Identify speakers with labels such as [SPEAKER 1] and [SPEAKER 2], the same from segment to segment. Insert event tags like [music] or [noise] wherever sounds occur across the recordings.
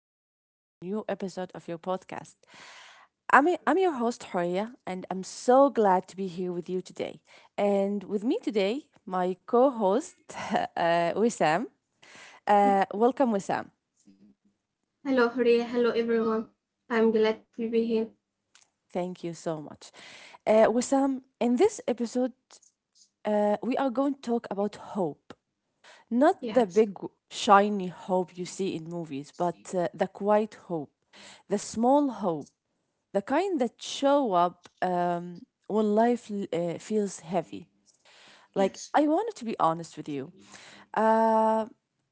[SPEAKER 1] back to a new episode of your podcast. I'm your host, Horia, and I'm so glad to be here with you today. And with me today, my co host, [laughs] uh, Wissam. Welcome, Wissam.
[SPEAKER 2] Hello, Hurry. Hello, everyone. I'm glad to be here.
[SPEAKER 1] Thank you so much. Wissam, in this episode, we are going to talk about hope. Not the
[SPEAKER 2] Yes,
[SPEAKER 1] big, shiny hope you see in movies, but the quiet hope, the small hope the kind that show up when life feels heavy. Like,
[SPEAKER 2] yes,
[SPEAKER 1] I wanted to be honest with you. Uh,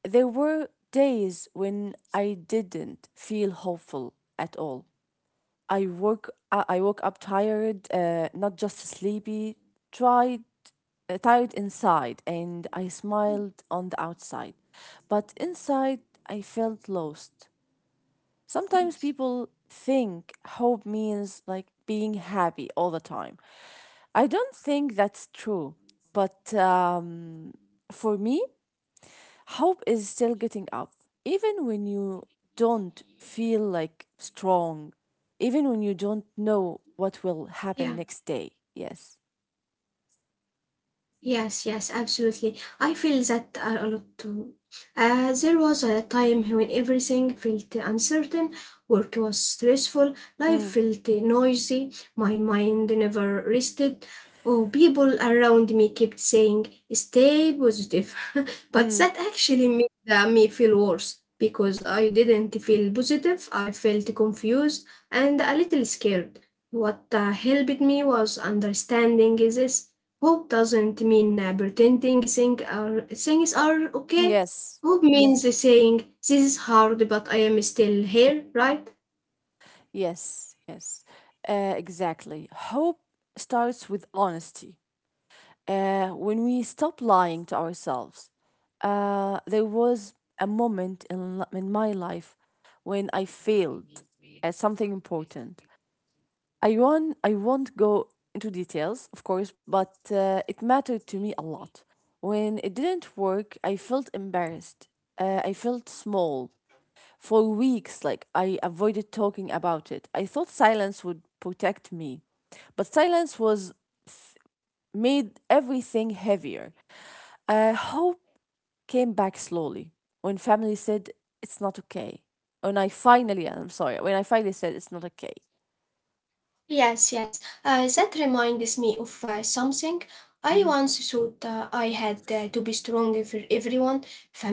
[SPEAKER 1] there were days when I didn't feel hopeful at all. I woke up tired, not just sleepy, tried, tired inside, and I smiled on the outside. But inside, I felt lost. Sometimes
[SPEAKER 2] yes,
[SPEAKER 1] people think hope means like being happy all the time. I don't think that's true, but for me, hope is still getting up. Even when you don't feel like strong, even when you don't know what will happen
[SPEAKER 2] yeah.
[SPEAKER 1] next day. Yes.
[SPEAKER 2] Yes, yes, absolutely. I feel that a lot too. There was a time when everything felt uncertain, work was stressful, life
[SPEAKER 1] Mm,
[SPEAKER 2] felt noisy, my mind never rested. Oh, people around me kept saying, stay positive. [laughs] But
[SPEAKER 1] mm,
[SPEAKER 2] that actually made me feel worse because I didn't feel positive. I felt confused and a little scared. What helped me was understanding this. Hope doesn't mean pretending things are okay.
[SPEAKER 1] yes.
[SPEAKER 2] Hope means saying, this is hard, but I am still here, right?
[SPEAKER 1] Yes. Yes. Exactly. Hope starts with honesty when we stop lying to ourselves. There was a moment in my life when I failed at something important. I won't go into details, of course, but it mattered to me a lot. When it didn't work, I felt embarrassed. I felt small. For weeks, like I avoided talking about it. I thought silence would protect me, but silence was made everything heavier. Hope came back slowly when family said it's not okay. When I finally, I'm sorry, when I finally said it's not okay.
[SPEAKER 2] Yes, yes. That reminds me of something. I
[SPEAKER 1] Hmm.
[SPEAKER 2] once thought I had to be strong for everyone: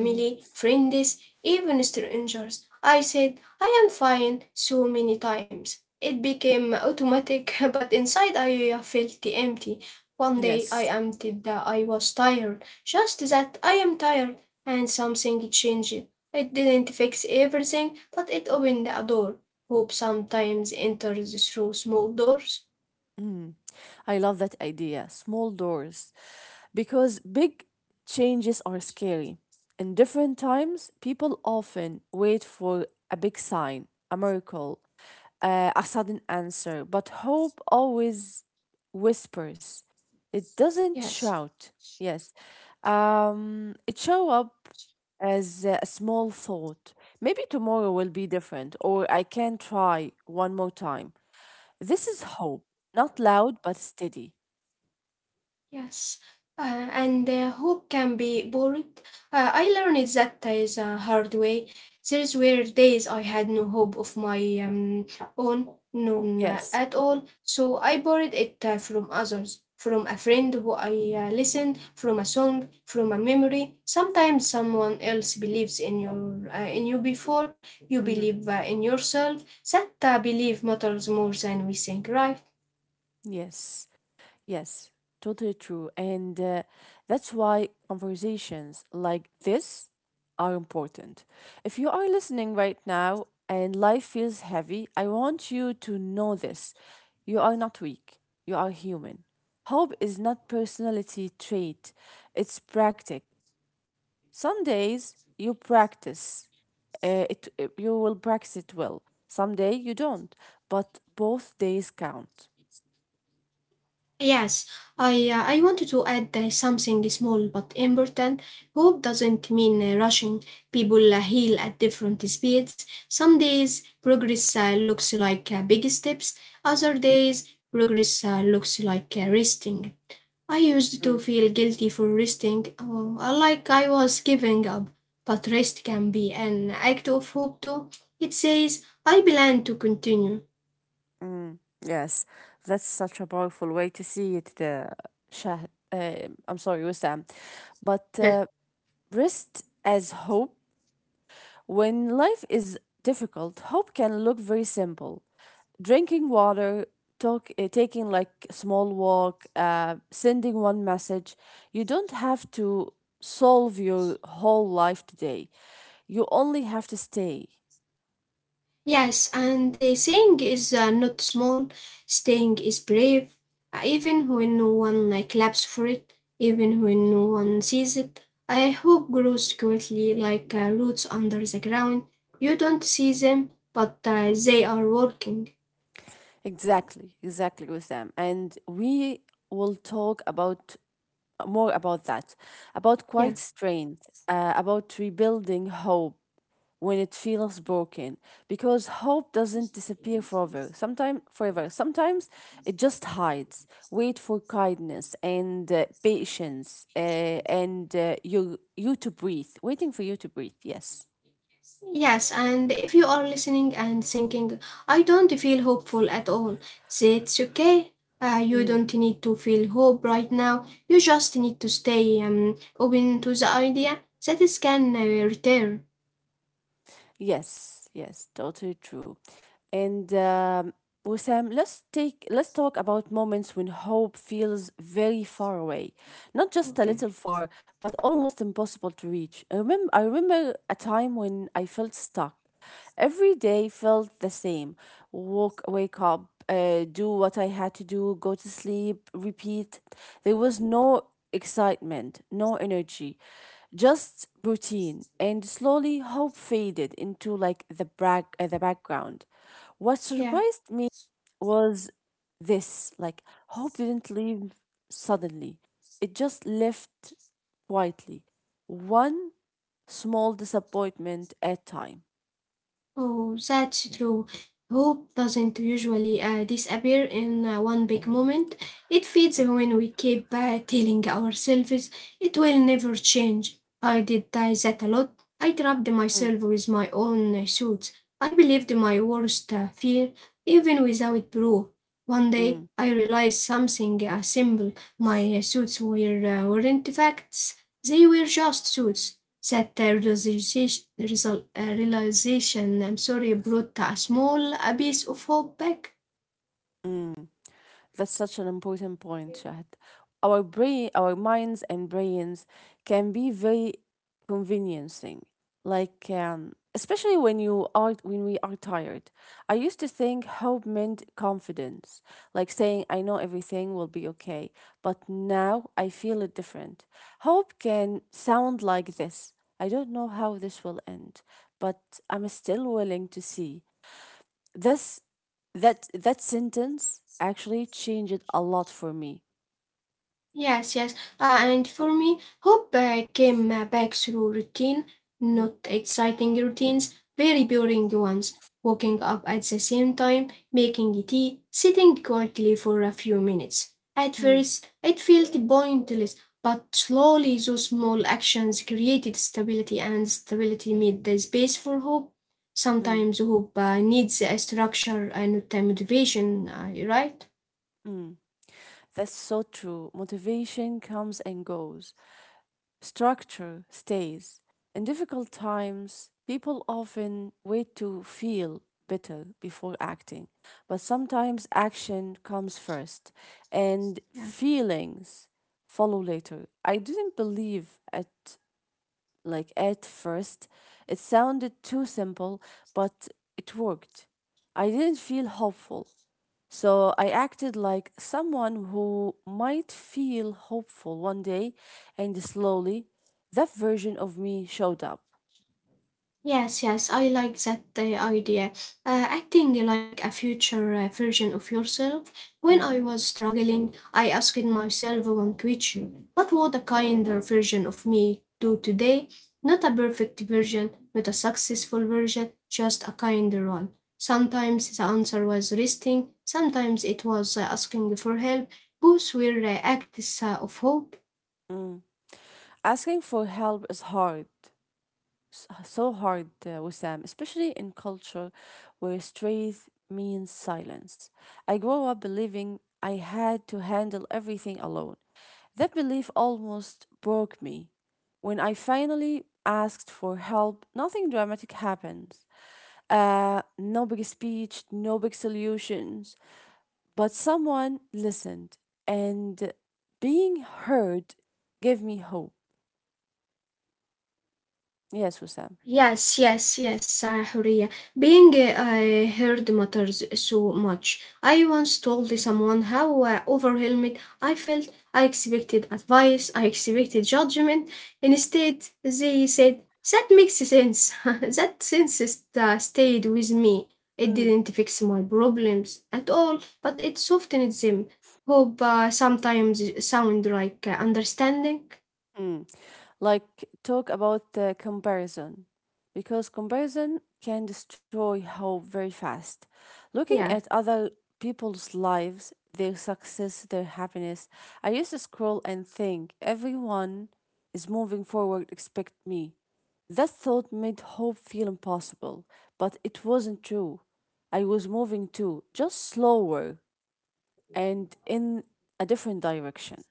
[SPEAKER 1] Hmm.
[SPEAKER 2] friends, even strangers. I said, I am fine so many times. It became automatic, [laughs] but inside I felt empty. One day I
[SPEAKER 1] Yes.
[SPEAKER 2] admitted that I was tired, just that I am tired, and something changed. It didn't fix everything, but it opened a door. Hope sometimes enters through small doors.
[SPEAKER 1] I love that idea. Small doors. Because big changes are scary. In different times, people often wait for a big sign, a miracle, a sudden answer, but hope always whispers. It doesn't
[SPEAKER 2] Yes.
[SPEAKER 1] shout. Yes. It show up as a small thought. Maybe tomorrow will be different, or I can try one more time. This is hope, not loud but steady.
[SPEAKER 2] Yes, and hope can be boring. I learned that is a hard way. There were days I had no hope of my own, none
[SPEAKER 1] Yes.
[SPEAKER 2] at all. So I borrowed it from others, from a friend who I listened, from a song, from a memory. Sometimes someone else believes in your in you before you
[SPEAKER 1] Hmm.
[SPEAKER 2] believe in yourself. That belief matters more than we think, right?
[SPEAKER 1] Yes. Yes. Totally true. And that's why conversations like this are important. If you are listening right now and life feels heavy, I want you to know this. You are not weak, you are human. Hope is not personality trait, it's practice. Some days you practice, you will practice it well. Some day you don't, but both days count.
[SPEAKER 2] Yes, I wanted to add something small but important. Hope doesn't mean rushing. People heal at different speeds. Some days progress looks like big steps. Other days progress looks like resting. I used to
[SPEAKER 1] Mm,
[SPEAKER 2] feel guilty for resting, like I was giving up. But rest can be an act of hope too. It says I plan to continue.
[SPEAKER 1] mm, yes, that's such a powerful way to see it. Shah, uh, I'm sorry, Wissam. But
[SPEAKER 2] [laughs]
[SPEAKER 1] rest as hope When life is difficult, hope can look very simple. Drinking water, talk, taking like a small walk, sending one message. You don't have to solve your whole life today. You only have to stay.
[SPEAKER 2] Yes, and the saying is not small, staying is brave, even when no one like claps for it, even when no one sees it. I hope grows quickly like roots under the ground. You don't see them, but they are working.
[SPEAKER 1] Exactly, exactly, Wissam. And we will talk about more about that, about quiet
[SPEAKER 2] Yeah.
[SPEAKER 1] strength, about rebuilding hope, when it feels broken because hope doesn't disappear forever sometimes it just hides wait for kindness and patience and you you to breathe waiting for you to breathe yes
[SPEAKER 2] Yes, and if you are listening and thinking, I don't feel hopeful at all, say it's okay. You don't need to feel hope right now. You just need to stay open to the idea that it can return.
[SPEAKER 1] Yes, yes, totally true. And Wissam, let's talk about moments when hope feels very far away, not just a little
[SPEAKER 2] Okay.
[SPEAKER 1] far, but almost impossible to reach. I remember a time when I felt stuck. Every day felt the same. Walk, wake up, do what I had to do, go to sleep, repeat. There was no excitement, no energy, just routine. And slowly, hope faded into like the background. What
[SPEAKER 2] Yeah.
[SPEAKER 1] surprised me was this: like hope didn't leave suddenly. It just left quietly, one small disappointment at time.
[SPEAKER 2] Oh, that's true. Hope doesn't usually disappear in one big moment. It fades when we keep telling ourselves it will never change. I did that a lot. I trapped myself with my own thoughts. I believed my worst fear, even without proof. One day,
[SPEAKER 1] Mm,
[SPEAKER 2] I realized something uh, simple. My thoughts weren't facts, they were just thoughts that realization, I'm sorry, brought a small abyss of hope back.
[SPEAKER 1] mm. That's such an important point, Shahad. Our brain, our minds and brains can be very conveniencing. Like especially when you are when we are tired. I used to think hope meant confidence, like saying I know everything will be okay. But now I feel it different. Hope can sound like this. I don't know how this will end, but I'm still willing to see. This that sentence actually changed a lot for me.
[SPEAKER 2] Yes, yes. And for me, hope came back through routine,
[SPEAKER 1] Mhm,
[SPEAKER 2] not exciting routines, very boring ones. Waking up at the same time, making tea, sitting quietly for a few minutes. At
[SPEAKER 1] mm,
[SPEAKER 2] first, it felt pointless, but slowly those small actions created stability, and stability made the space for hope.
[SPEAKER 1] mm,
[SPEAKER 2] Sometimes hope needs a structure and not a motivation, right?
[SPEAKER 1] mm. That's so true. Motivation comes and goes. Structure stays. In difficult times, people often wait to feel better before acting. But sometimes action comes first and
[SPEAKER 2] Yeah.
[SPEAKER 1] feelings follow later. I didn't believe at like at first. It sounded too simple, but it worked. I didn't feel hopeful, so I acted like someone who might feel hopeful one day, and slowly, that version of me showed up.
[SPEAKER 2] Yes, yes, I like that idea. Acting like a future version of yourself. When
[SPEAKER 1] Mm,
[SPEAKER 2] I was struggling, I asked myself one question: what would a kinder version of me do today? Not a perfect version, not a successful version, just a kinder one. Sometimes the answer was resting, sometimes it was asking for help. Both were acts of hope.
[SPEAKER 1] mm. Asking for help is hard. So hard, Wissam, especially in culture where strength means silence. I grew up believing I had to handle everything alone. That belief almost broke me. When I finally asked for help, nothing dramatic happened. No big speech, no big solutions, but someone listened, and being heard gave me hope. Yes, Wissam.
[SPEAKER 2] Yes, yes, yes, Huria. Being heard matters so much. I once told someone how overwhelmed I felt. I expected advice, I expected judgment. Instead, they said, that makes sense. [laughs] That sense stayed with me. It didn't fix my problems at all, but it softened them. Hope sometimes sound like understanding.
[SPEAKER 1] Mm. Like, talk about comparison, because comparison can destroy hope very fast. Looking
[SPEAKER 2] Yeah.
[SPEAKER 1] at other people's lives, their success, their happiness, I used to scroll and think, everyone is moving forward except me. That thought made hope feel impossible, but it wasn't true. I was moving too, just slower and in a different direction.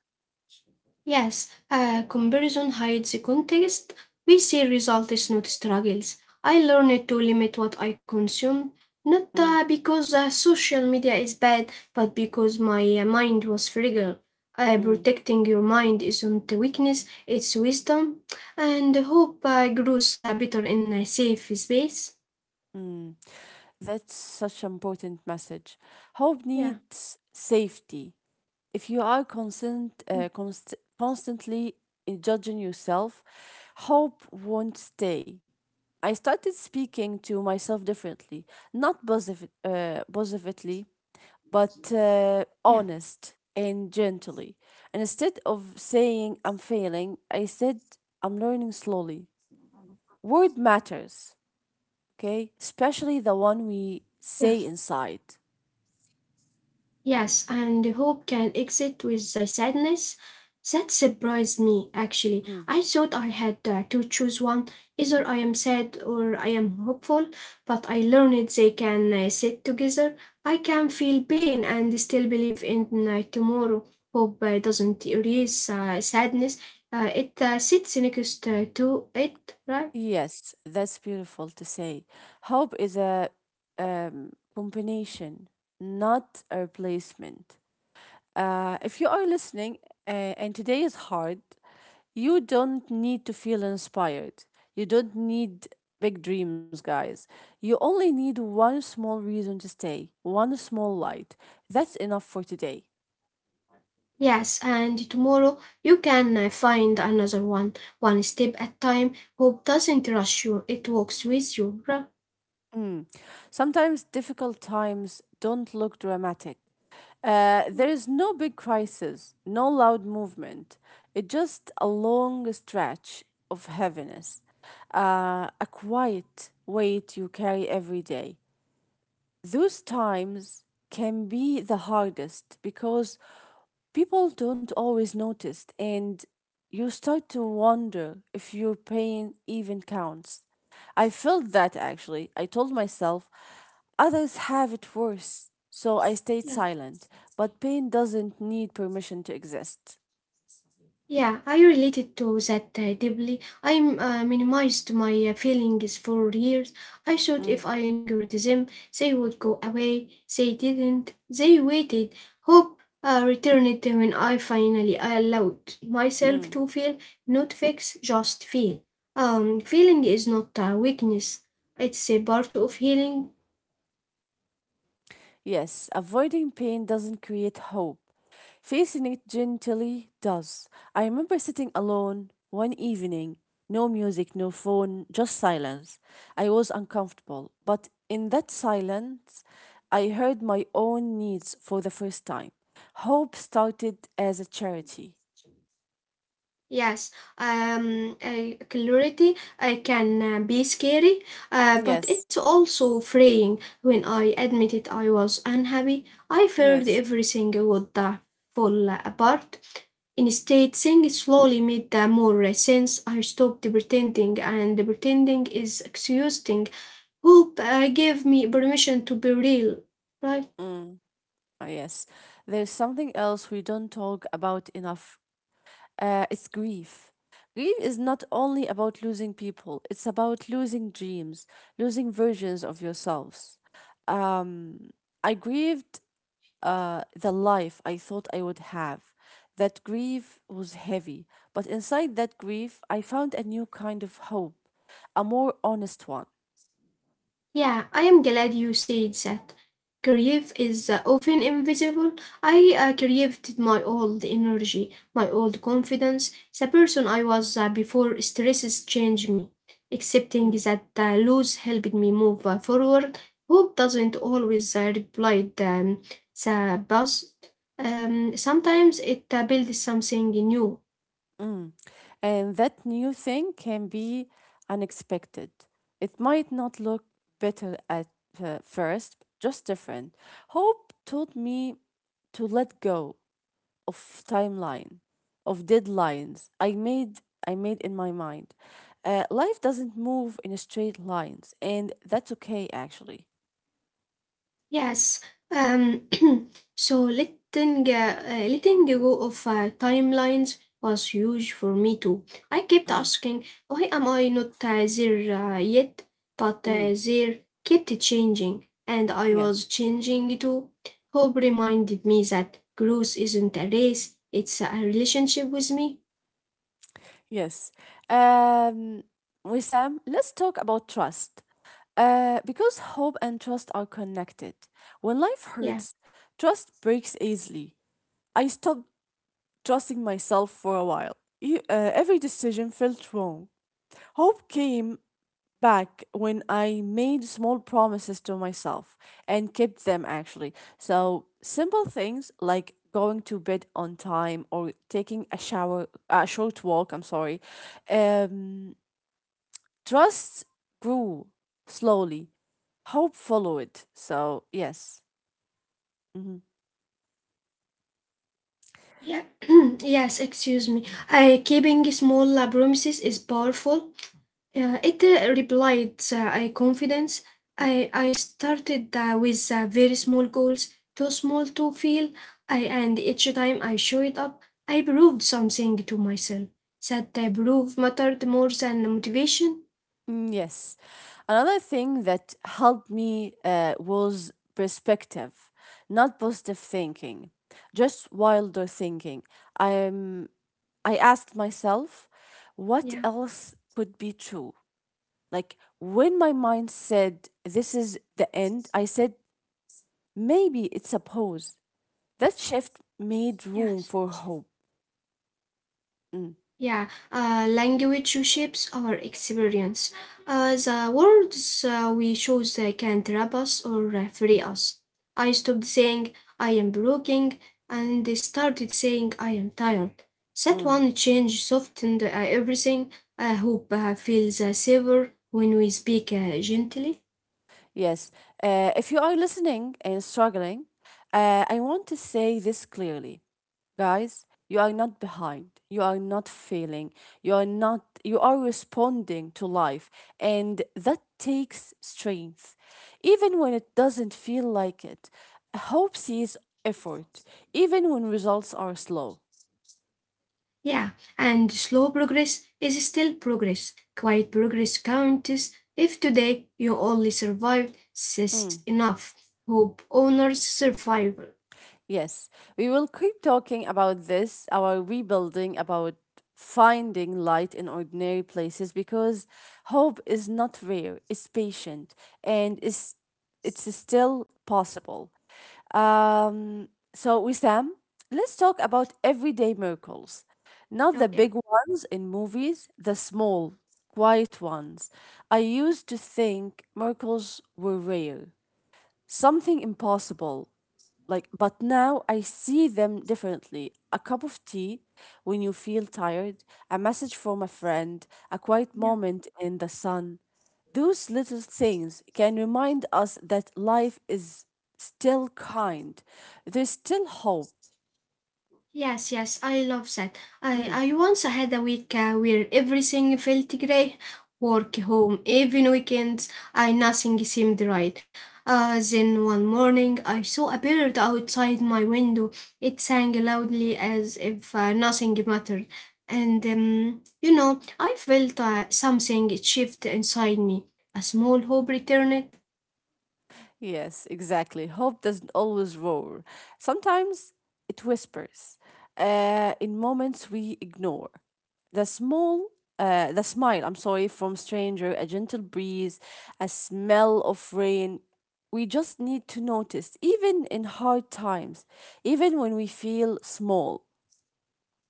[SPEAKER 2] Yes, comparison hides the context. We see results, not struggles. I learned to limit what I consume, not
[SPEAKER 1] Mm,
[SPEAKER 2] because social media is bad, but because my mind was fragile.
[SPEAKER 1] mm.
[SPEAKER 2] Protecting your mind isn't a weakness, it's wisdom. And hope grows better in a safe space.
[SPEAKER 1] Mm, that's such an important message. Hope
[SPEAKER 2] Yeah,
[SPEAKER 1] needs safety. If you are
[SPEAKER 2] Mm,
[SPEAKER 1] constantly in judging yourself, hope won't stay. I started speaking to myself differently, not positive, positively, but
[SPEAKER 2] yeah,
[SPEAKER 1] honest and gently. And instead of saying I'm failing, I said I'm learning slowly. Word matters okay? Especially the one we
[SPEAKER 2] yeah.
[SPEAKER 1] say inside.
[SPEAKER 2] Yes, and hope can exit with the sadness. That surprised me, actually. I thought I had to choose one. Either I am sad or I am hopeful, but I learned they can sit together. I can feel pain and still believe in tomorrow. Hope doesn't erase sadness, it sits next to it, right?
[SPEAKER 1] Yes, that's beautiful to say. Hope is a combination, not a replacement. If you are listening uh, and today is hard, you don't need to feel inspired. You don't need big dreams, guys. You only need one small reason to stay, one small light. That's enough for today.
[SPEAKER 2] Yes, and tomorrow you can find another one, one step at time. Hope doesn't rush you, it walks with you.
[SPEAKER 1] Mm. Sometimes difficult times don't look dramatic. There is no big crisis, no loud movement. It's just a long stretch of heaviness, a quiet weight you carry every day. Those times can be the hardest because people don't always notice and you start to wonder if your pain even counts. I felt that actually. I told myself others have it worse, so I stayed silent. But pain doesn't need permission to exist.
[SPEAKER 2] Yeah, I related to that deeply. I minimized my feelings for years. I thought
[SPEAKER 1] Mm,
[SPEAKER 2] if I angered them, they would go away. They didn't. They waited. Hope returned when I finally allowed myself
[SPEAKER 1] mm.
[SPEAKER 2] to feel, not fix, just feel. Feeling is not a weakness. It's a part of healing.
[SPEAKER 1] Yes, avoiding pain doesn't create hope. Facing it gently does. I remember sitting alone one evening, no music, no phone, just silence. I was uncomfortable, but in that silence, I heard my own needs for the first time. Hope started as a charity.
[SPEAKER 2] Yes, clarity can be scary, but
[SPEAKER 1] Yes,
[SPEAKER 2] it's also freeing. When I admitted I was unhappy, I feared
[SPEAKER 1] yes.
[SPEAKER 2] everything would fall apart. Instead, things slowly made more sense. I stopped pretending, and pretending is exhausting. Hope gave me permission to be real, right?
[SPEAKER 1] Mm, ah, yes. There's something else we don't talk about enough. It's grief. Grief is not only about losing people, it's about losing dreams, losing versions of yourselves. Um, I grieved the life I thought I would have. That grief was heavy, but inside that grief, I found a new kind of hope, a more honest one.
[SPEAKER 2] Yeah, I am glad you said that. Grief is often invisible. I grieved my old energy, my old confidence, the person I was before stresses changed me. Accepting that loss helped me move forward. Hope doesn't always reply the past. Sometimes it builds something new.
[SPEAKER 1] Mm. And that new thing can be unexpected. It might not look better at first, just different. Hope taught me to let go of timeline, of deadlines I made in my mind. Life doesn't move in straight lines, and that's okay actually.
[SPEAKER 2] Yes. Um, [clears throat] so letting go of timelines was huge for me too. I kept
[SPEAKER 1] Mm.
[SPEAKER 2] asking, why am I not there yet? But
[SPEAKER 1] Mm.
[SPEAKER 2] there kept changing, and I
[SPEAKER 1] Yes.
[SPEAKER 2] was changing too. Hope reminded me that growth isn't a race; it's a relationship with me.
[SPEAKER 1] Yes. Um, Wissam, let's talk about trust. Because hope and trust are connected. When life
[SPEAKER 2] Yeah.
[SPEAKER 1] hurts, trust breaks easily. I stopped trusting myself for a while. Every decision felt wrong. Hope came back when I made small promises to myself and kept them actually. So, simple things like going to bed on time or taking a shower, a short walk, I'm sorry. Um, Trust grew slowly, hope followed. So, yes.
[SPEAKER 2] Yeah. [clears throat] Yes. Excuse me. Keeping small promises is powerful. It replied I confidence. I started with very small goals, too small to fail, and each time I showed up, I proved something to myself. That proof mattered more than motivation.
[SPEAKER 1] Mm, yes. Another thing that helped me was perspective, not positive thinking, just wilder thinking. I'm I asked myself, what
[SPEAKER 2] Yeah,
[SPEAKER 1] else could be true? Like when my mind said, this is the end, I said, maybe it's a pause. That shift made
[SPEAKER 2] yeah.
[SPEAKER 1] room for hope. Mm,
[SPEAKER 2] Yeah, language shapes our experience. The words we choose can trap us or free us. I stopped saying I am broken and started saying I am tired. That
[SPEAKER 1] mm.
[SPEAKER 2] one change softened uh, everything. I hope I feel the savor when we speak gently.
[SPEAKER 1] Yes. If you are listening and struggling, I want to say this clearly. Guys, you are not behind. You are not failing. You are not, you are responding to life. And that takes strength. Even when it doesn't feel like it, hope sees effort, even when results are slow.
[SPEAKER 2] Yeah, and slow progress is still progress. Quiet progress counts. If today you only survived, says
[SPEAKER 1] Mm.
[SPEAKER 2] enough. Hope honors survival.
[SPEAKER 1] Yes, we will keep talking about this, our rebuilding, about finding light in ordinary places because hope is not rare, it's patient and it's still possible. So, Wissam, let's talk about everyday miracles. Not the
[SPEAKER 2] Okay.
[SPEAKER 1] big ones in movies, the small, quiet ones. I used to think miracles were rare, something impossible like but now I see them differently: a cup of tea when you feel tired, a message from a friend, a quiet
[SPEAKER 2] Yeah.
[SPEAKER 1] moment in the sun. Those little things can remind us that life is still kind, there's still hope.
[SPEAKER 2] Yes, yes, I love that.
[SPEAKER 1] Mm.
[SPEAKER 2] I once had a week where everything felt grey: work, home, even weekends, I nothing seemed right. Then one morning I saw a bird outside my window. It sang loudly as if nothing mattered. And, you know, I felt something shift inside me. A small hope returned.
[SPEAKER 1] Yes, exactly. Hope doesn't always roar. Sometimes it whispers in moments we ignore. The small, the smile, I'm sorry, from stranger, a gentle breeze, a smell of rain. We just need to notice, even in hard times, even when we feel small.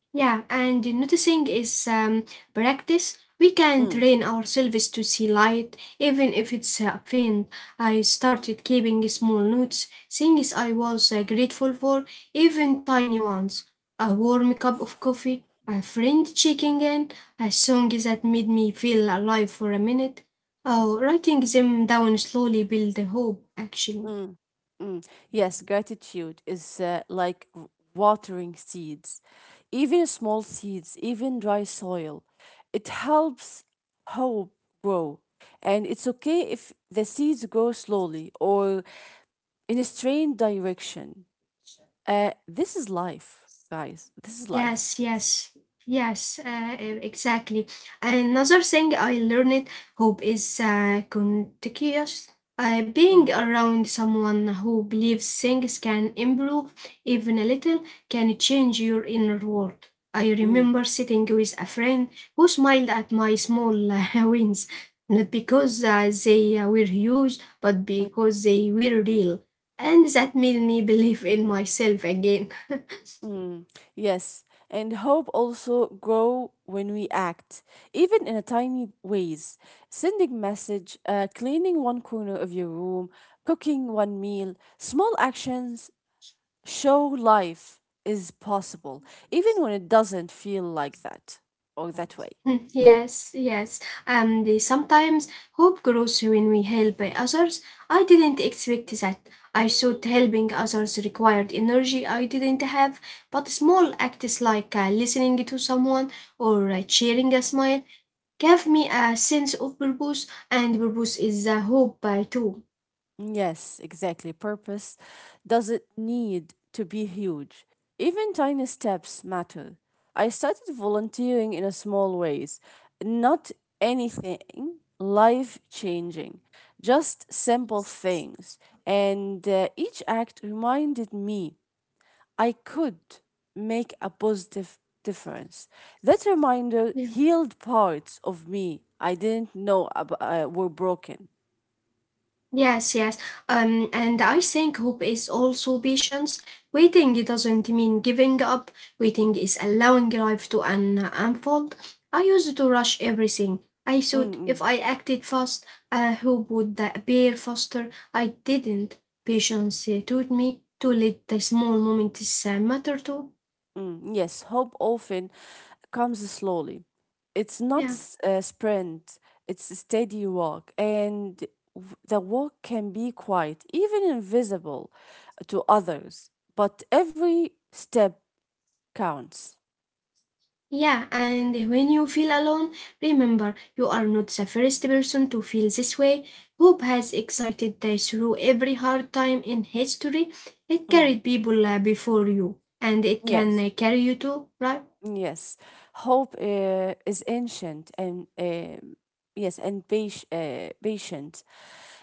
[SPEAKER 2] Yeah, and noticing is practice. We can
[SPEAKER 1] Mm.
[SPEAKER 2] train ourselves to see light, even if it's faint. I started keeping small notes, things I was grateful for, even tiny ones. A warm cup of coffee, a friend checking in, a song that made me feel alive for a minute. Oh, writing them down slowly build hope, actually.
[SPEAKER 1] Mm, mm. Yes, gratitude is like watering seeds, even small seeds, even dry soil. It helps hope grow. And it's okay if the seeds grow slowly or in a strange direction. This is life, guys. This is life.
[SPEAKER 2] Yes, yes, yes, exactly. Another thing I learned, hope, is contagious. Being
[SPEAKER 1] Mm,
[SPEAKER 2] around someone who believes things can improve even a little can change your inner world. I
[SPEAKER 1] mm,
[SPEAKER 2] remember sitting with a friend who smiled at my small [laughs] wins, not because they were huge, but
[SPEAKER 1] mm.
[SPEAKER 2] because they were real. And that made me believe in myself again.
[SPEAKER 1] Mm, yes, and hope also grow when we act, even in a tiny ways. Sending message, cleaning one corner of your room, cooking one meal, small actions show life is possible, even when it doesn't feel like that or that way.
[SPEAKER 2] [laughs] Mm, yes, yes. And sometimes hope grows when we help others. I didn't expect that. I thought helping others required energy I didn't have, but small acts like listening to someone or sharing a smile gave me a sense of purpose, and purpose is a hope too.
[SPEAKER 1] Yes, exactly. Purpose doesn't need to be huge. Even tiny steps matter. I started volunteering in a small ways, not anything life changing, just simple things. And each act reminded me I could make a positive difference. That reminder healed parts of me I didn't know were broken.
[SPEAKER 2] Yes, yes. And I think hope is also patience. Waiting doesn't mean giving up. Waiting is allowing life to unfold. I used to rush everything. I thought
[SPEAKER 1] Mm-mm.
[SPEAKER 2] if I acted fast, hope would appear faster. I didn't. Patience taught me to let the small moments matter too.
[SPEAKER 1] Mm, yes, hope often comes slowly. It's not
[SPEAKER 2] Yeah.
[SPEAKER 1] a sprint, it's a steady walk. And the walk can be quiet, even invisible to others, but every step counts.
[SPEAKER 2] Yeah, and when you feel alone, remember you are not the first person to feel this way. Hope has excited through every hard time in history. It
[SPEAKER 1] Mm,
[SPEAKER 2] carried people uh, before you, and it can
[SPEAKER 1] yes.
[SPEAKER 2] uh, carry you too, right?
[SPEAKER 1] Yes, hope is ancient and yes, and patient.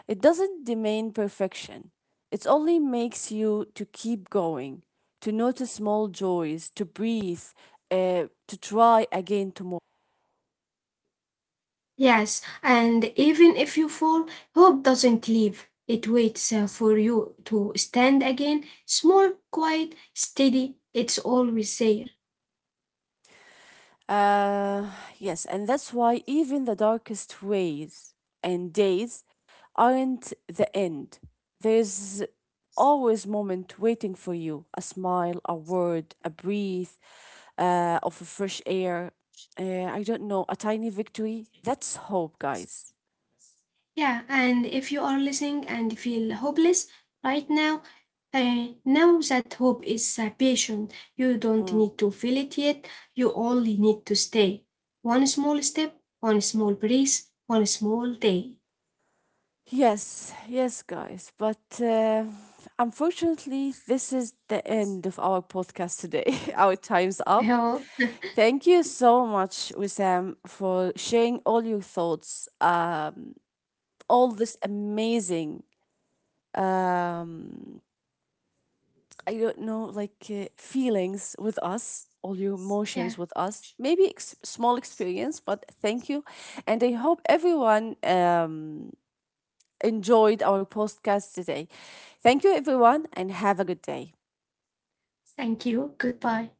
[SPEAKER 1] It doesn't demand perfection. It only makes you to keep going, to notice small joys, to breathe, to try again tomorrow.
[SPEAKER 2] Yes, and even if you fall, hope doesn't leave. It waits for you to stand again, small, quiet, steady. It's always there.
[SPEAKER 1] Uh, yes, and that's why even the darkest ways and days aren't the end. There's always moment waiting for you, a smile, a word, a breath of fresh air. I don't know, a tiny victory. That's hope, guys.
[SPEAKER 2] Yeah, and if you are listening and feel hopeless right now, know that hope is a patient. You don't
[SPEAKER 1] Mm.
[SPEAKER 2] need to feel it yet. You only need to stay. One small step, one small breeze, one small day.
[SPEAKER 1] Yes, yes, guys. But unfortunately, this is the end of our podcast today. [laughs] Our time's
[SPEAKER 2] I
[SPEAKER 1] up.
[SPEAKER 2] hope.
[SPEAKER 1] Thank you so much, Wissam, for sharing all your thoughts, all this amazing, um, I don't know, like feelings with us, all your emotions
[SPEAKER 2] Yeah,
[SPEAKER 1] with us. Maybe small experience, but thank you, and I hope everyone enjoyed our podcast today. Thank you, everyone, and have a good day.
[SPEAKER 2] thank you. Goodbye.